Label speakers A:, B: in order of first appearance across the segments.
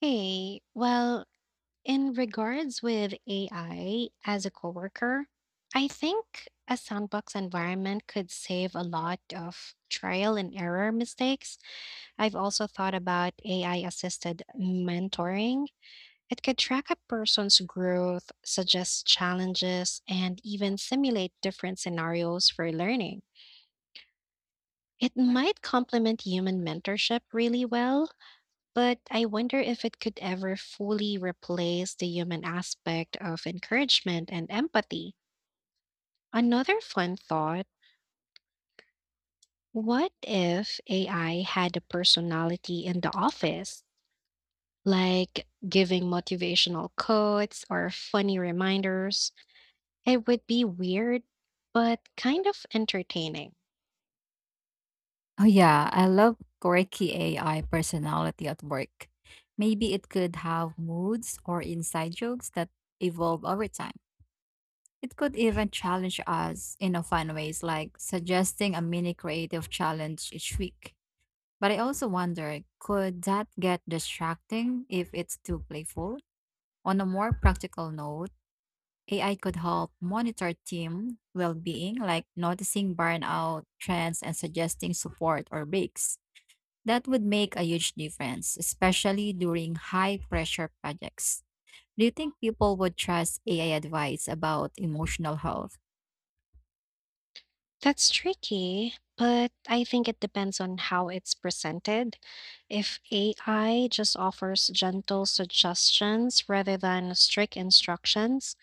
A: Hey, well, in regards with AI as a coworker, I think a sandbox environment could save a lot of trial and error mistakes. I've also thought about AI assisted mentoring. It could track a person's growth, suggest challenges, and even simulate different scenarios for learning. It might complement human mentorship really well, but I wonder if it could ever fully replace the human aspect of encouragement and empathy. Another fun thought, what if AI had a personality in the office, like giving motivational quotes or funny reminders? It would be weird, but kind of entertaining.
B: Oh yeah, I love quirky AI personality at work. Maybe it could have moods or inside jokes that evolve over time. It could even challenge us in a fun ways, like suggesting a mini creative challenge each week. But I also wonder, could that get distracting if it's too playful? On a more practical note, AI could help monitor team well-being, like noticing burnout trends and suggesting support or breaks. That would make a huge difference, especially during high pressure projects. Do you think people would trust AI advice about emotional health?
A: That's tricky, but I think it depends on how it's presented. If AI just offers gentle suggestions rather than strict instructions,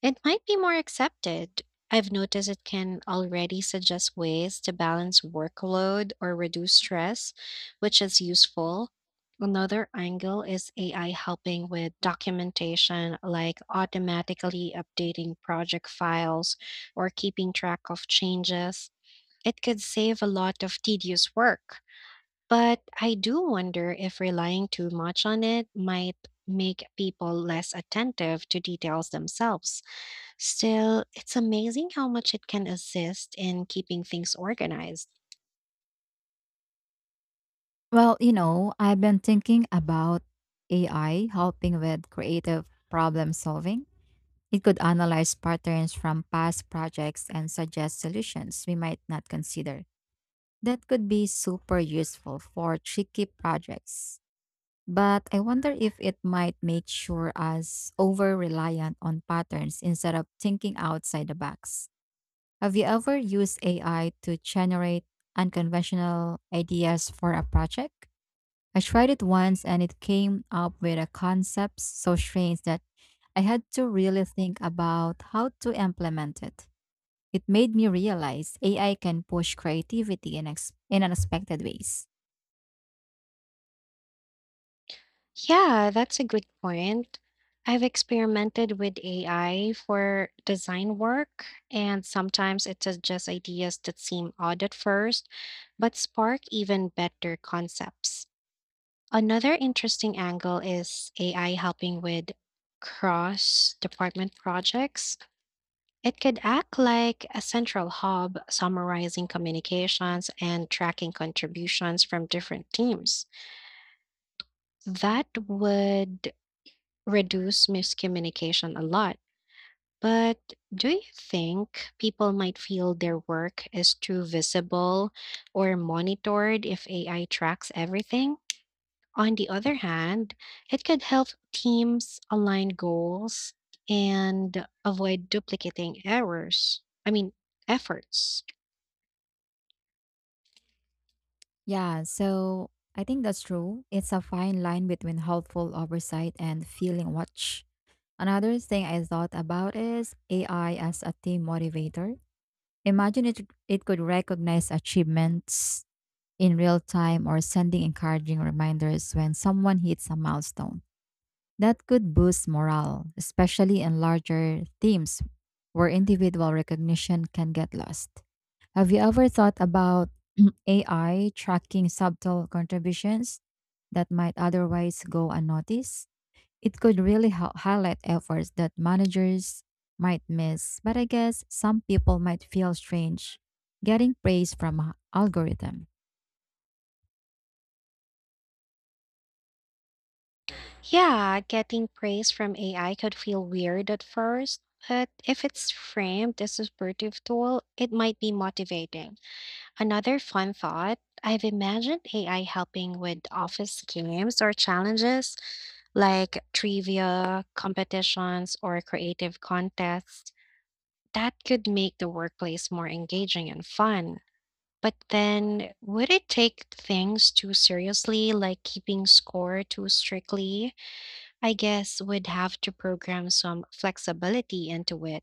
A: it might be more accepted. I've noticed it can already suggest ways to balance workload or reduce stress, which is useful. Another angle is AI helping with documentation, like automatically updating project files or keeping track of changes. It could save a lot of tedious work, but I do wonder if relying too much on it might make people less attentive to details themselves. Still, it's amazing how much it can assist in keeping things organized.
B: Well, I've been thinking about AI helping with creative problem solving. It could analyze patterns from past projects and suggest solutions we might not consider. That could be super useful for tricky projects. But I wonder if it might make sure us over reliant on patterns instead of thinking outside the box. Have you ever used AI to generate unconventional ideas for a project? I tried it once and it came up with a concept so strange that I had to really think about how to implement it. It made me realize AI can push creativity in, in unexpected ways.
A: Yeah, that's a good point. I've experimented with AI for design work, and sometimes it suggests ideas that seem odd at first, but spark even better concepts. Another interesting angle is AI helping with cross department projects. It could act like a central hub, summarizing communications and tracking contributions from different teams. That would reduce miscommunication a lot. But do you think people might feel their work is too visible or monitored if AI tracks everything? On the other hand, it could help teams align goals and avoid duplicating errors. I mean, efforts.
B: Yeah, so I think that's true. It's a fine line between helpful oversight and feeling watch. Another thing I thought about is AI as a team motivator. Imagine it could recognize achievements in real time or sending encouraging reminders when someone hits a milestone. That could boost morale, especially in larger teams where individual recognition can get lost. Have you ever thought about AI tracking subtle contributions that might otherwise go unnoticed? It could really highlight efforts that managers might miss, but I guess some people might feel strange getting praise from a algorithm.
A: Yeah, getting praise from AI could feel weird at first, but if it's framed as a supportive tool, it might be motivating. Another fun thought, I've imagined AI helping with office games or challenges like trivia, competitions, or creative contests. That could make the workplace more engaging and fun. But then, would it take things too seriously, like keeping score too strictly? I guess we'd have to program some flexibility into it.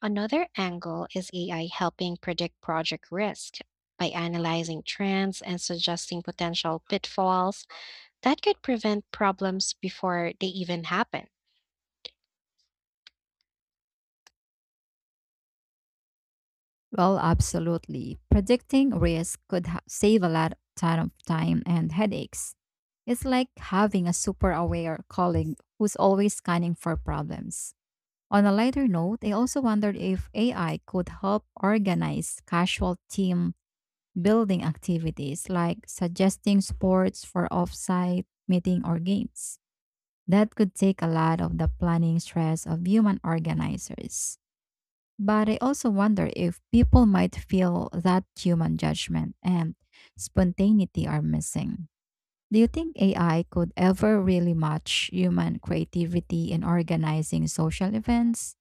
A: Another angle is AI helping predict project risk by analyzing trends and suggesting potential pitfalls that could prevent problems before they even happen.
B: Well, absolutely. Predicting risk could save a lot of time and headaches. It's like having a super aware colleague who's always scanning for problems. On a lighter note, I also wondered if AI could help organize casual team building activities like suggesting sports for offsite meeting or games. That could take a lot of the planning stress of human organizers. But I also wonder if people might feel that human judgment and spontaneity are missing. Do you think AI could ever really match human creativity in organizing social events?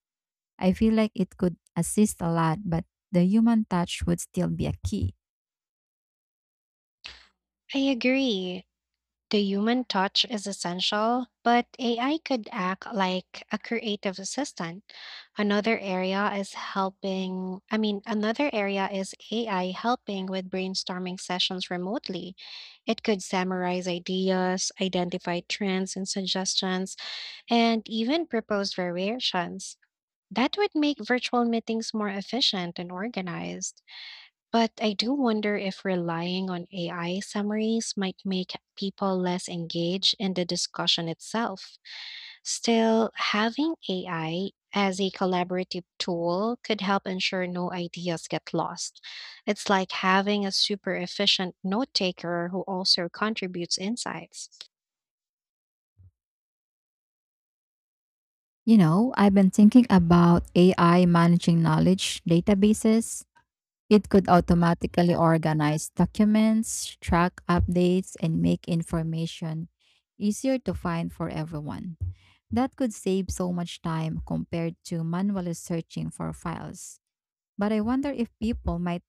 B: I feel like it could assist a lot, but the human touch would still be a key.
A: I agree. The human touch is essential, but AI could act like a creative assistant. Another area is helping, I mean, another area is AI helping with brainstorming sessions remotely. It could summarize ideas, identify trends and suggestions, and even propose variations. That would make virtual meetings more efficient and organized. But I do wonder if relying on AI summaries might make people less engaged in the discussion itself. Still, having AI as a collaborative tool could help ensure no ideas get lost. It's like having a super efficient note taker who also contributes insights.
B: I've been thinking about AI managing knowledge databases. It could automatically organize documents, track updates, and make information easier to find for everyone. That could save so much time compared to manually searching for files. But I wonder if people might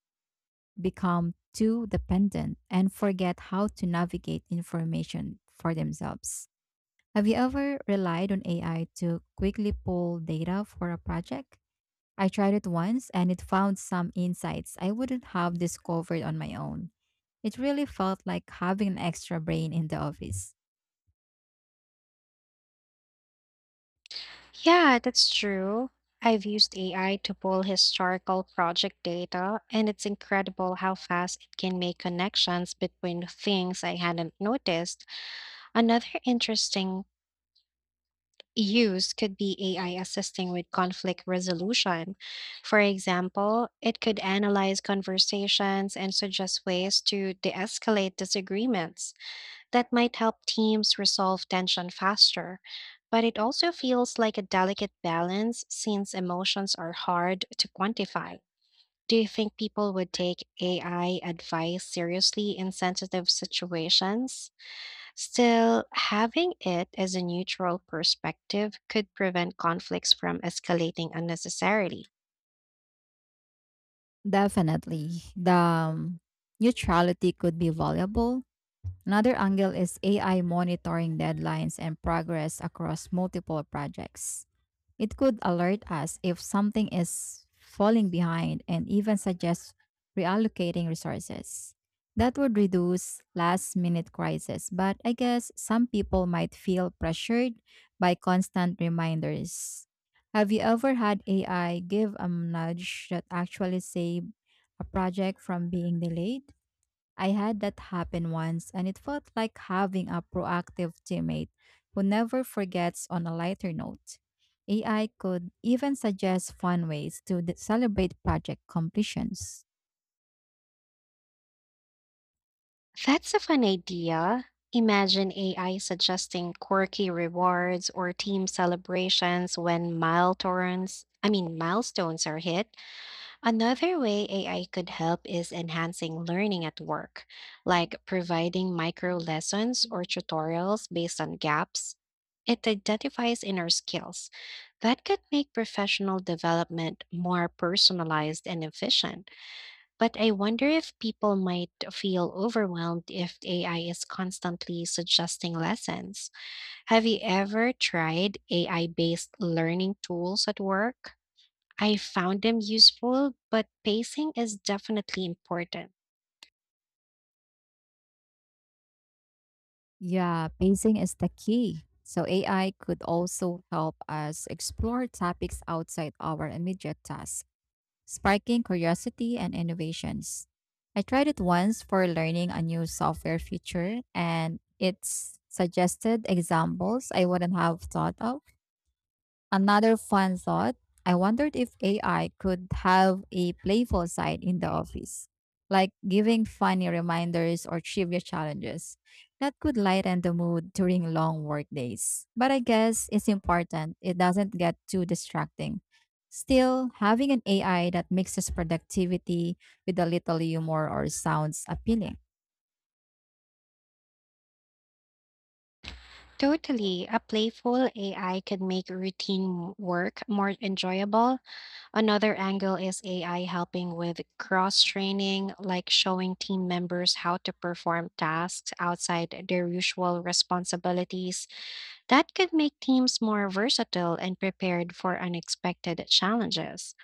B: become too dependent and forget how to navigate information for themselves. Have you ever relied on AI to quickly pull data for a project? I tried it once and it found some insights I wouldn't have discovered on my own. It really felt like having an extra brain in the office.
A: Yeah, that's true. I've used AI to pull historical project data, and it's incredible how fast it can make connections between things I hadn't noticed. Another interesting use could be AI assisting with conflict resolution. For example, it could analyze conversations and suggest ways to de escalate disagreements. That might help teams resolve tension faster, but it also feels like a delicate balance since emotions are hard to quantify. Do you think people would take AI advice seriously in sensitive situations? Still, having it as a neutral perspective could prevent conflicts from escalating unnecessarily.
B: Definitely. The neutrality could be valuable. Another angle is AI monitoring deadlines and progress across multiple projects. It could alert us if something is falling behind and even suggest reallocating resources. That would reduce last minute crises. But I guess some people might feel pressured by constant reminders. Have you ever had AI give a nudge that actually saved a project from being delayed? I had that happen once, and it felt like having a proactive teammate who never forgets on a lighter note. AI could even suggest fun ways to celebrate project completions.
A: That's a fun idea. Imagine AI suggesting quirky rewards or team celebrations when I mean milestones are hit. Another way AI could help is enhancing learning at work, like providing micro lessons or tutorials based on gaps it identifies inner skills. That could make professional development more personalized and efficient. But I wonder if people might feel overwhelmed if AI is constantly suggesting lessons. Have you ever tried AI based learning tools at work? I found them useful, but pacing is definitely important.
B: Yeah, pacing is the key. So, AI could also help us explore topics outside our immediate tasks sparking curiosity and innovations. I tried it once for learning a new software feature, and it's suggested examples I wouldn't have thought of. Another fun thought, I wondered if AI could have a playful side in the office, like giving funny reminders or trivia challenges. That could lighten the mood during long work days. But I guess it's important it doesn't get too distracting. Still, having an AI that mixes productivity with a little humor or sounds appealing.
A: Totally. A playful AI can make routine work more enjoyable. Another angle is AI helping with cross training, like showing team members how to perform tasks outside their usual responsibilities. That could make teams more versatile and prepared for unexpected challenges.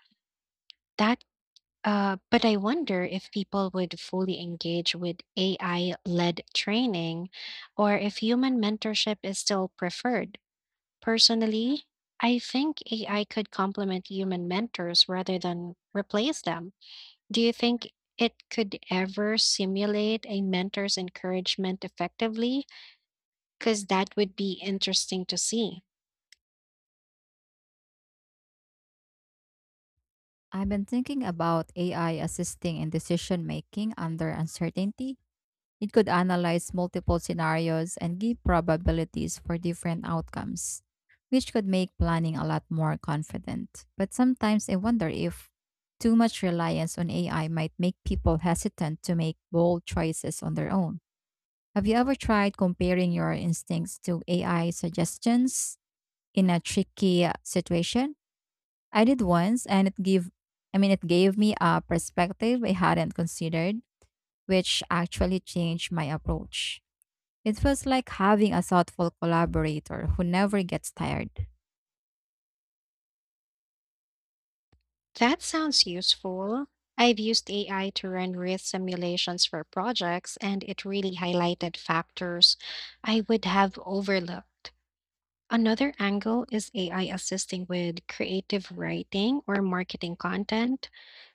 A: That But I wonder if people would fully engage with AI led training or if human mentorship is still preferred. Personally, I think AI could complement human mentors rather than replace them. Do you think it could ever simulate a mentor's encouragement effectively? Because that would be interesting to see.
B: I've been thinking about AI assisting in decision making under uncertainty. It could analyze multiple scenarios and give probabilities for different outcomes, which could make planning a lot more confident. But sometimes I wonder if too much reliance on AI might make people hesitant to make bold choices on their own. Have you ever tried comparing your instincts to AI suggestions in a tricky situation? I did once and it gave me a perspective I hadn't considered, which actually changed my approach. It feels like having a thoughtful collaborator who never gets tired.
A: That sounds useful. I've used AI to run risk simulations for projects, and it really highlighted factors I would have overlooked. Another angle is AI assisting with creative writing or marketing content.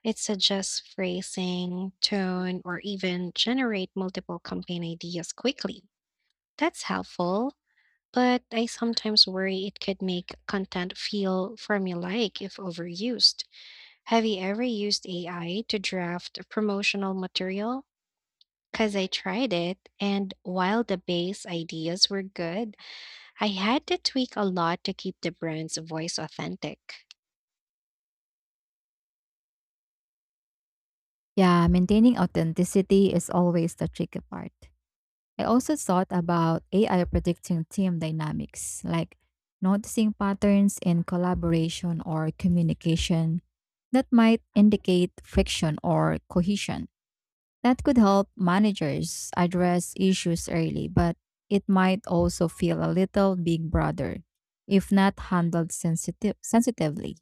A: It suggests phrasing, tone, or even generate multiple campaign ideas quickly. That's helpful, but I sometimes worry it could make content feel formulaic if overused. Have you ever used AI to draft promotional material? Because I tried it, and while the base ideas were good, I had to tweak a lot to keep the brand's voice authentic.
B: Yeah, maintaining authenticity is always the tricky part. I also thought about AI predicting team dynamics, like noticing patterns in collaboration or communication that might indicate friction or cohesion. That could help managers address issues early, but it might also feel a little big brother if not handled sensitively.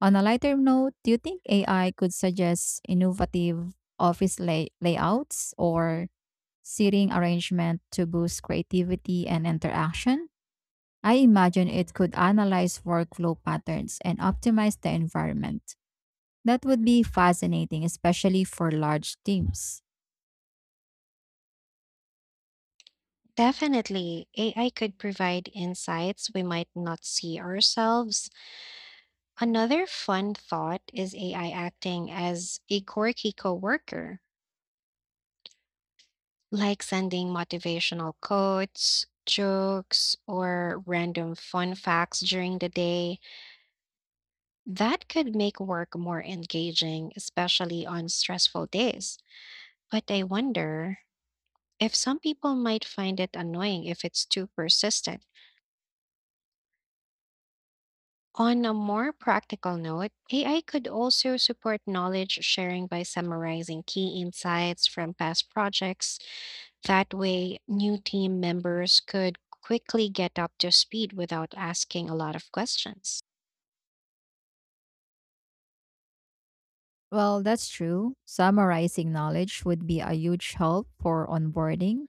B: On a lighter note, do you think AI could suggest innovative office layouts or seating arrangement to boost creativity and interaction? I imagine it could analyze workflow patterns and optimize the environment. That would be fascinating, especially for large teams.
A: Definitely, AI could provide insights we might not see ourselves. Another fun thought is AI acting as a quirky coworker, like sending motivational quotes, jokes, or random fun facts during the day. That could make work more engaging, especially on stressful days. But I wonder if some people might find it annoying if it's too persistent. On a more practical note, AI could also support knowledge sharing by summarizing key insights from past projects. That way, new team members could quickly get up to speed without asking a lot of questions.
B: Well, that's true. Summarizing knowledge would be a huge help for onboarding.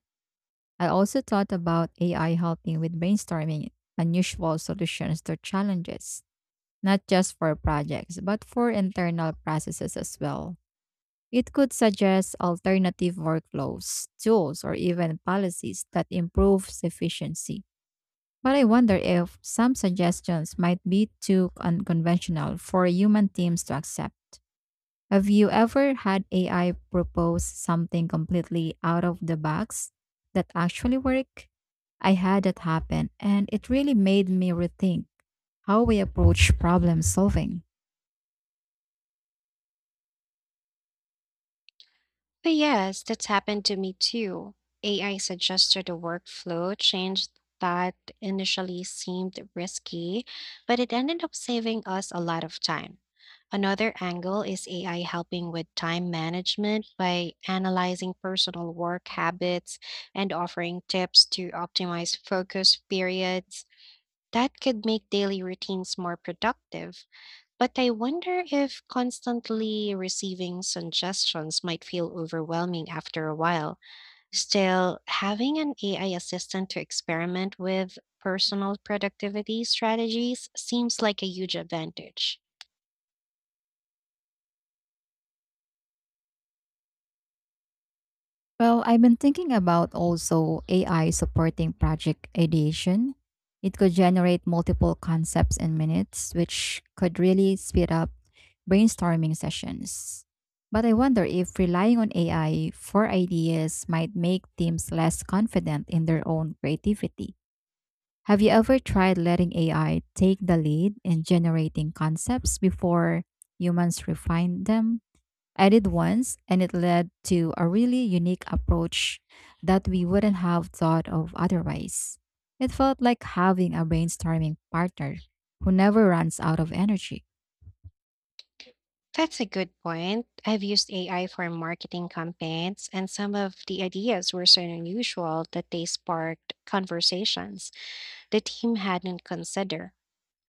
B: I also thought about AI helping with brainstorming unusual solutions to challenges. Not just for projects, but for internal processes as well. It could suggest alternative workflows, tools, or even policies that improve efficiency. But I wonder if some suggestions might be too unconventional for human teams to accept. Have you ever had AI propose something completely out of the box that actually worked? I had that happen, and it really made me rethink how we approach problem solving.
A: But yes, that's happened to me too. AI suggested a workflow change that initially seemed risky, but it ended up saving us a lot of time. Another angle is AI helping with time management by analyzing personal work habits and offering tips to optimize focus periods. That could make daily routines more productive. But I wonder if constantly receiving suggestions might feel overwhelming after a while. Still, having an AI assistant to experiment with personal productivity strategies seems like a huge advantage.
B: Well, I've been thinking about also AI supporting project ideation. It could generate multiple concepts in minutes, which could really speed up brainstorming sessions. But I wonder if relying on AI for ideas might make teams less confident in their own creativity. Have you ever tried letting AI take the lead in generating concepts before humans refine them? I did once, and it led to a really unique approach that we wouldn't have thought of otherwise. It felt like having a brainstorming partner who never runs out of energy.
A: That's a good point. I've used AI for marketing campaigns, and some of the ideas were so unusual that they sparked conversations the team hadn't considered.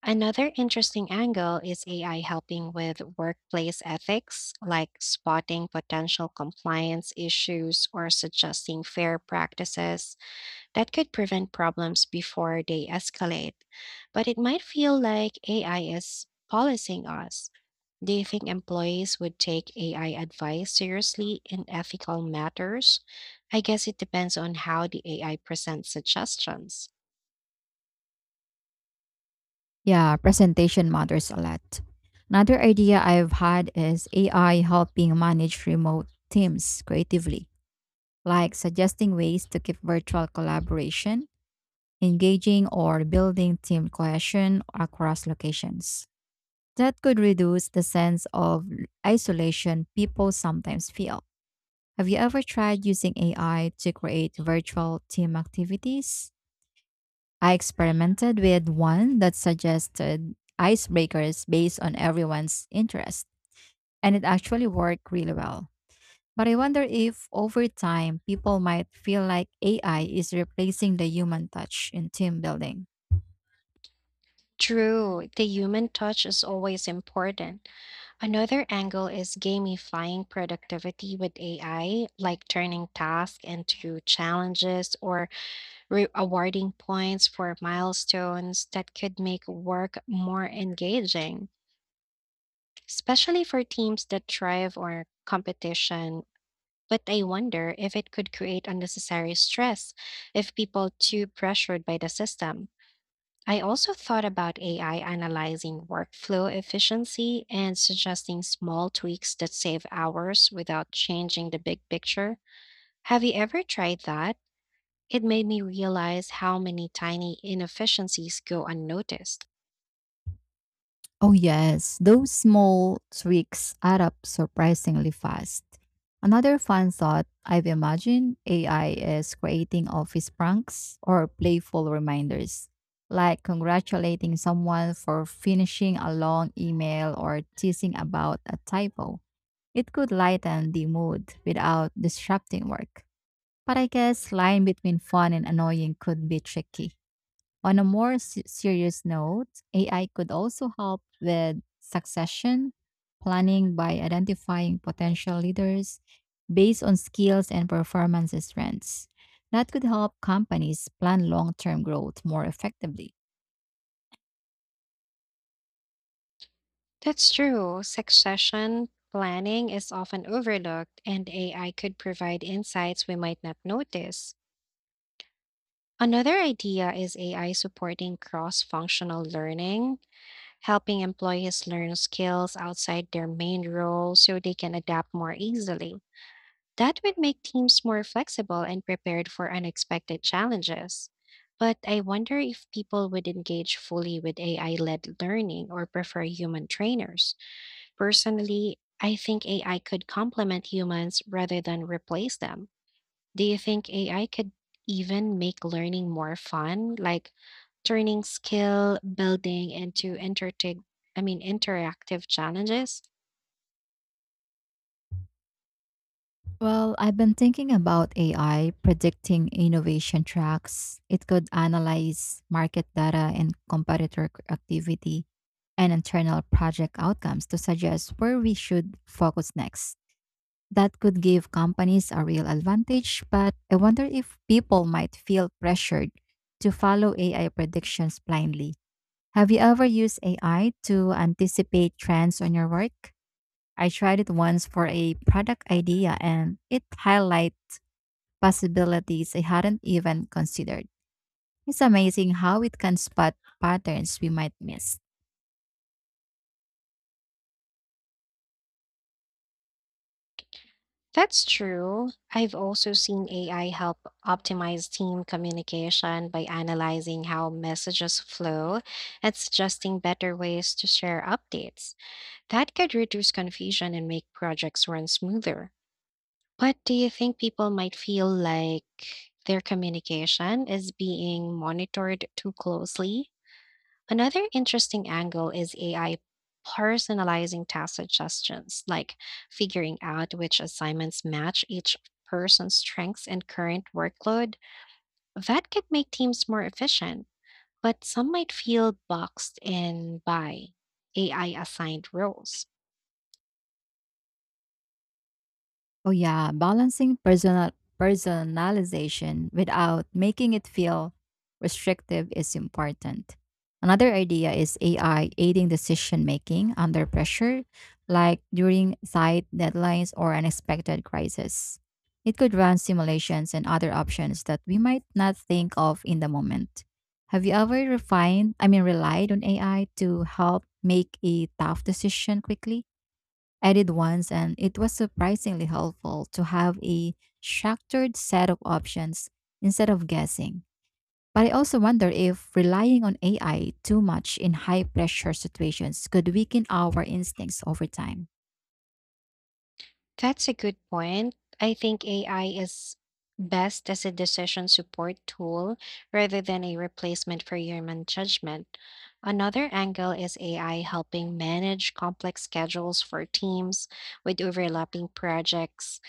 A: Another interesting angle is AI helping with workplace ethics, like spotting potential compliance issues or suggesting fair practices that could prevent problems before they escalate. But it might feel like AI is policing us. Do you think employees would take AI advice seriously in ethical matters? I guess it depends on how the AI presents suggestions.
B: Yeah, presentation matters a lot. Another idea I've had is AI helping manage remote teams creatively, like suggesting ways to keep virtual collaboration engaging or building team cohesion across locations. That could reduce the sense of isolation people sometimes feel. Have you ever tried using AI to create virtual team activities? I experimented with one that suggested icebreakers based on everyone's interest, and it actually worked really well. But I wonder if over time people might feel like AI is replacing the human touch in team building.
A: True, the human touch is always important. Another angle is gamifying productivity with AI, like turning tasks into challenges or awarding points for milestones that could make work more engaging, especially for teams that thrive on competition. But I wonder if it could create unnecessary stress if people too pressured by the system. I also thought about AI analyzing workflow efficiency and suggesting small tweaks that save hours without changing the big picture. Have you ever tried that? It made me realize how many tiny inefficiencies go unnoticed.
B: Oh, yes, those small tweaks add up surprisingly fast. Another fun thought I've imagined AI is creating office pranks or playful reminders, like congratulating someone for finishing a long email or teasing about a typo. It could lighten the mood without disrupting work. But I guess line between fun and annoying could be tricky. On a more serious note, AI could also help with succession planning by identifying potential leaders based on skills and performance strengths. That could help companies plan long term growth more effectively.
A: That's true. Succession planning is often overlooked, and AI could provide insights we might not notice. Another idea is AI supporting cross functional learning helping employees learn skills outside their main role so they can adapt more easily. That would make teams more flexible and prepared for unexpected challenges. But I wonder if people would engage fully with AI led learning or prefer human trainers. Personally, I think AI could complement humans rather than replace them. Do you think AI could even make learning more fun, like turning skill building into entertain I mean interactive challenges?
B: Well, I've been thinking about AI predicting innovation tracks. It could analyze market data and competitor activity and internal project outcomes to suggest where we should focus next. That could give companies a real advantage, but I wonder if people might feel pressured to follow AI predictions blindly. Have you ever used AI to anticipate trends on your work? I tried it once for a product idea and it highlights possibilities I hadn't even considered. It's amazing how it can spot patterns we might miss.
A: That's true. I've also seen AI help optimize team communication by analyzing how messages flow and suggesting better ways to share updates. That could reduce confusion and make projects run smoother. What do you think people might feel like their communication is being monitored too closely? Another interesting angle is AI personalizing task suggestions, like figuring out which assignments match each person's strengths and current workload. That could make teams more efficient, but some might feel boxed in by AI assigned roles.
B: Oh yeah, balancing personalization without making it feel restrictive is important. Another idea is AI aiding decision making under pressure, like during tight deadlines or unexpected crisis. It could run simulations and other options that we might not think of in the moment. Have you ever relied on AI to help make a tough decision quickly? I did once, and it was surprisingly helpful to have a structured set of options instead of guessing. But I also wonder if relying on AI too much in high pressure situations could weaken our instincts over time.
A: That's a good point. I think AI is best as a decision support tool rather than a replacement for human judgment. Another angle is AI helping manage complex schedules for teams with overlapping projects.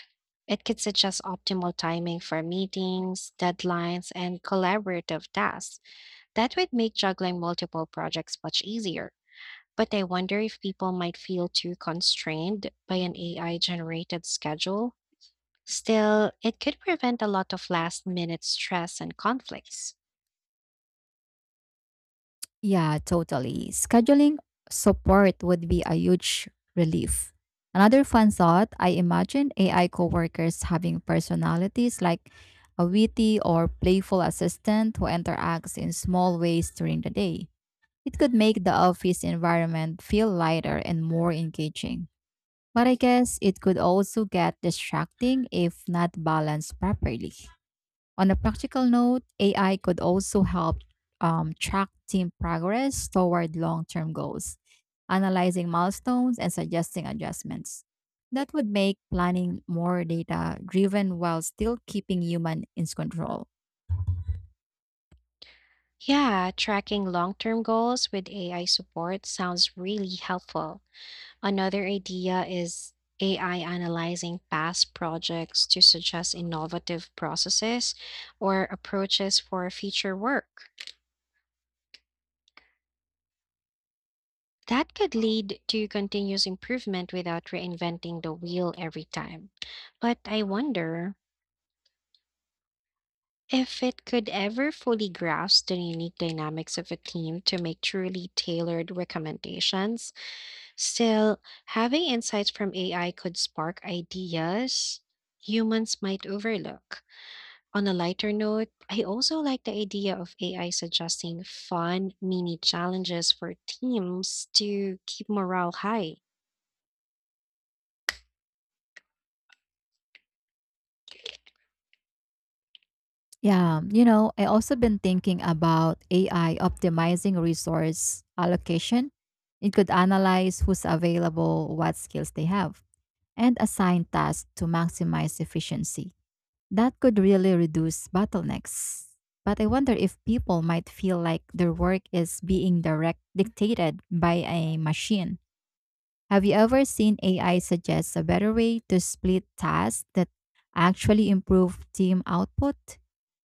A: It could suggest optimal timing for meetings, deadlines, and collaborative tasks. That would make juggling multiple projects much easier. But I wonder if people might feel too constrained by an AI generated schedule. Still, it could prevent a lot of last minute stress and conflicts.
B: Yeah, totally. Scheduling support would be a huge relief. Another fun thought I imagine AI coworkers having personalities like a witty or playful assistant who interacts in small ways during the day. It could make the office environment feel lighter and more engaging. But I guess it could also get distracting if not balanced properly. On a practical note, AI could also help track team progress toward long term goals, analyzing milestones and suggesting adjustments. That would make planning more data driven while still keeping human in control.
A: Yeah, tracking long term goals with AI support sounds really helpful. Another idea is AI analyzing past projects to suggest innovative processes or approaches for future work. That could lead to continuous improvement without reinventing the wheel every time. But I wonder if it could ever fully grasp the unique dynamics of a team to make truly tailored recommendations. Still, having insights from AI could spark ideas humans might overlook. On a lighter note, I also like the idea of AI suggesting fun mini challenges for teams to keep morale high.
B: Yeah, I also been thinking about AI optimizing resource allocation. It could analyze who's available, what skills they have, and assign tasks to maximize efficiency. That could really reduce bottlenecks. But I wonder if people might feel like their work is being direct dictated by a machine. Have you ever seen AI suggest a better way to split tasks that actually improve team output?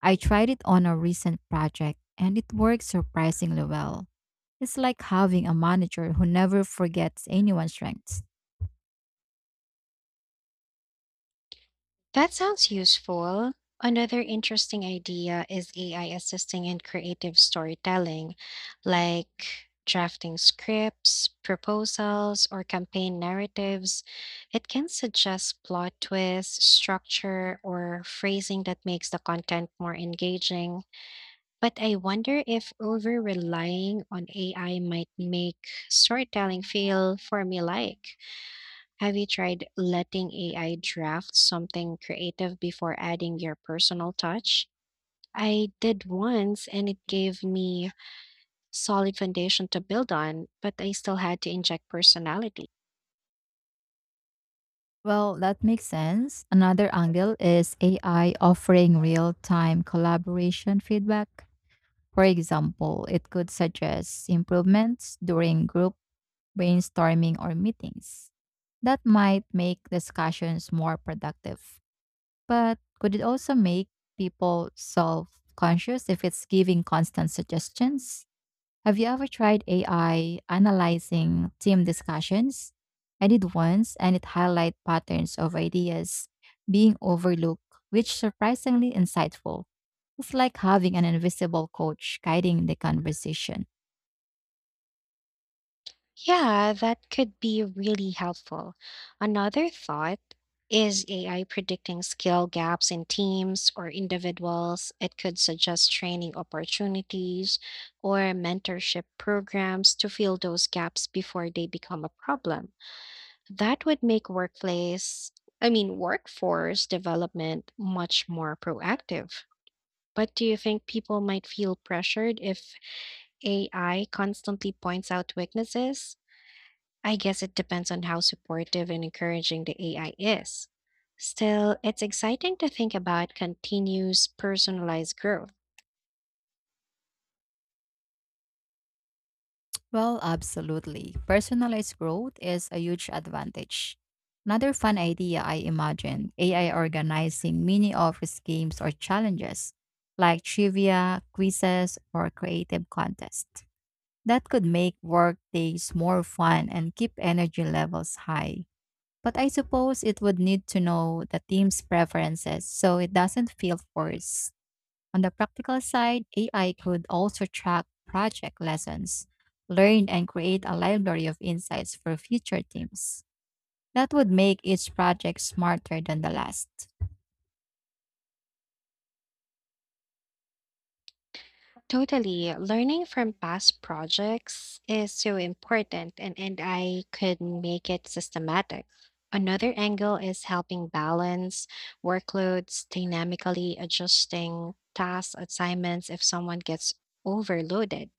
B: I tried it on a recent project and it worked surprisingly well. It's like having a manager who never forgets anyone's strengths.
A: That sounds useful. Another interesting idea is AI assisting in creative storytelling, like drafting scripts, proposals, or campaign narratives. It can suggest plot twists, structure, or phrasing that makes the content more engaging. But I wonder if over relying on AI might make storytelling feel formulaic. Have you tried letting AI draft something creative before adding your personal touch? I did once and it gave me solid foundation to build on, but I still had to inject personality.
B: Well, that makes sense. Another angle is AI offering real time collaboration feedback. For example, it could suggest improvements during group brainstorming or meetings. That might make discussions more productive. But could it also make people self conscious if it's giving constant suggestions? Have you ever tried AI analyzing team discussions? I did once, and it highlighted patterns of ideas being overlooked, which surprisingly insightful. It's like having an invisible coach guiding the conversation.
A: Yeah, that could be really helpful. Another thought is AI predicting skill gaps in teams or individuals. It could suggest training opportunities or mentorship programs to fill those gaps before they become a problem. That would make I mean, workforce development much more proactive. But do you think people might feel pressured if AI constantly points out weaknesses? I guess it depends on how supportive and encouraging the AI is. Still, it's exciting to think about continuous personalized growth.
B: Well, absolutely. Personalized growth is a huge advantage. Another fun idea I imagined AI organizing mini office games or challenges like trivia, quizzes, or creative contests. That could make work days more fun and keep energy levels high. But I suppose it would need to know the team's preferences so it doesn't feel forced. On the practical side, AI could also track project lessons, learn and create a library of insights for future teams. That would make each project smarter than the last.
A: Totally. Learning from past projects is so important, and I could make it systematic. Another angle is helping balance workloads, dynamically adjusting task assignments if someone gets overloaded.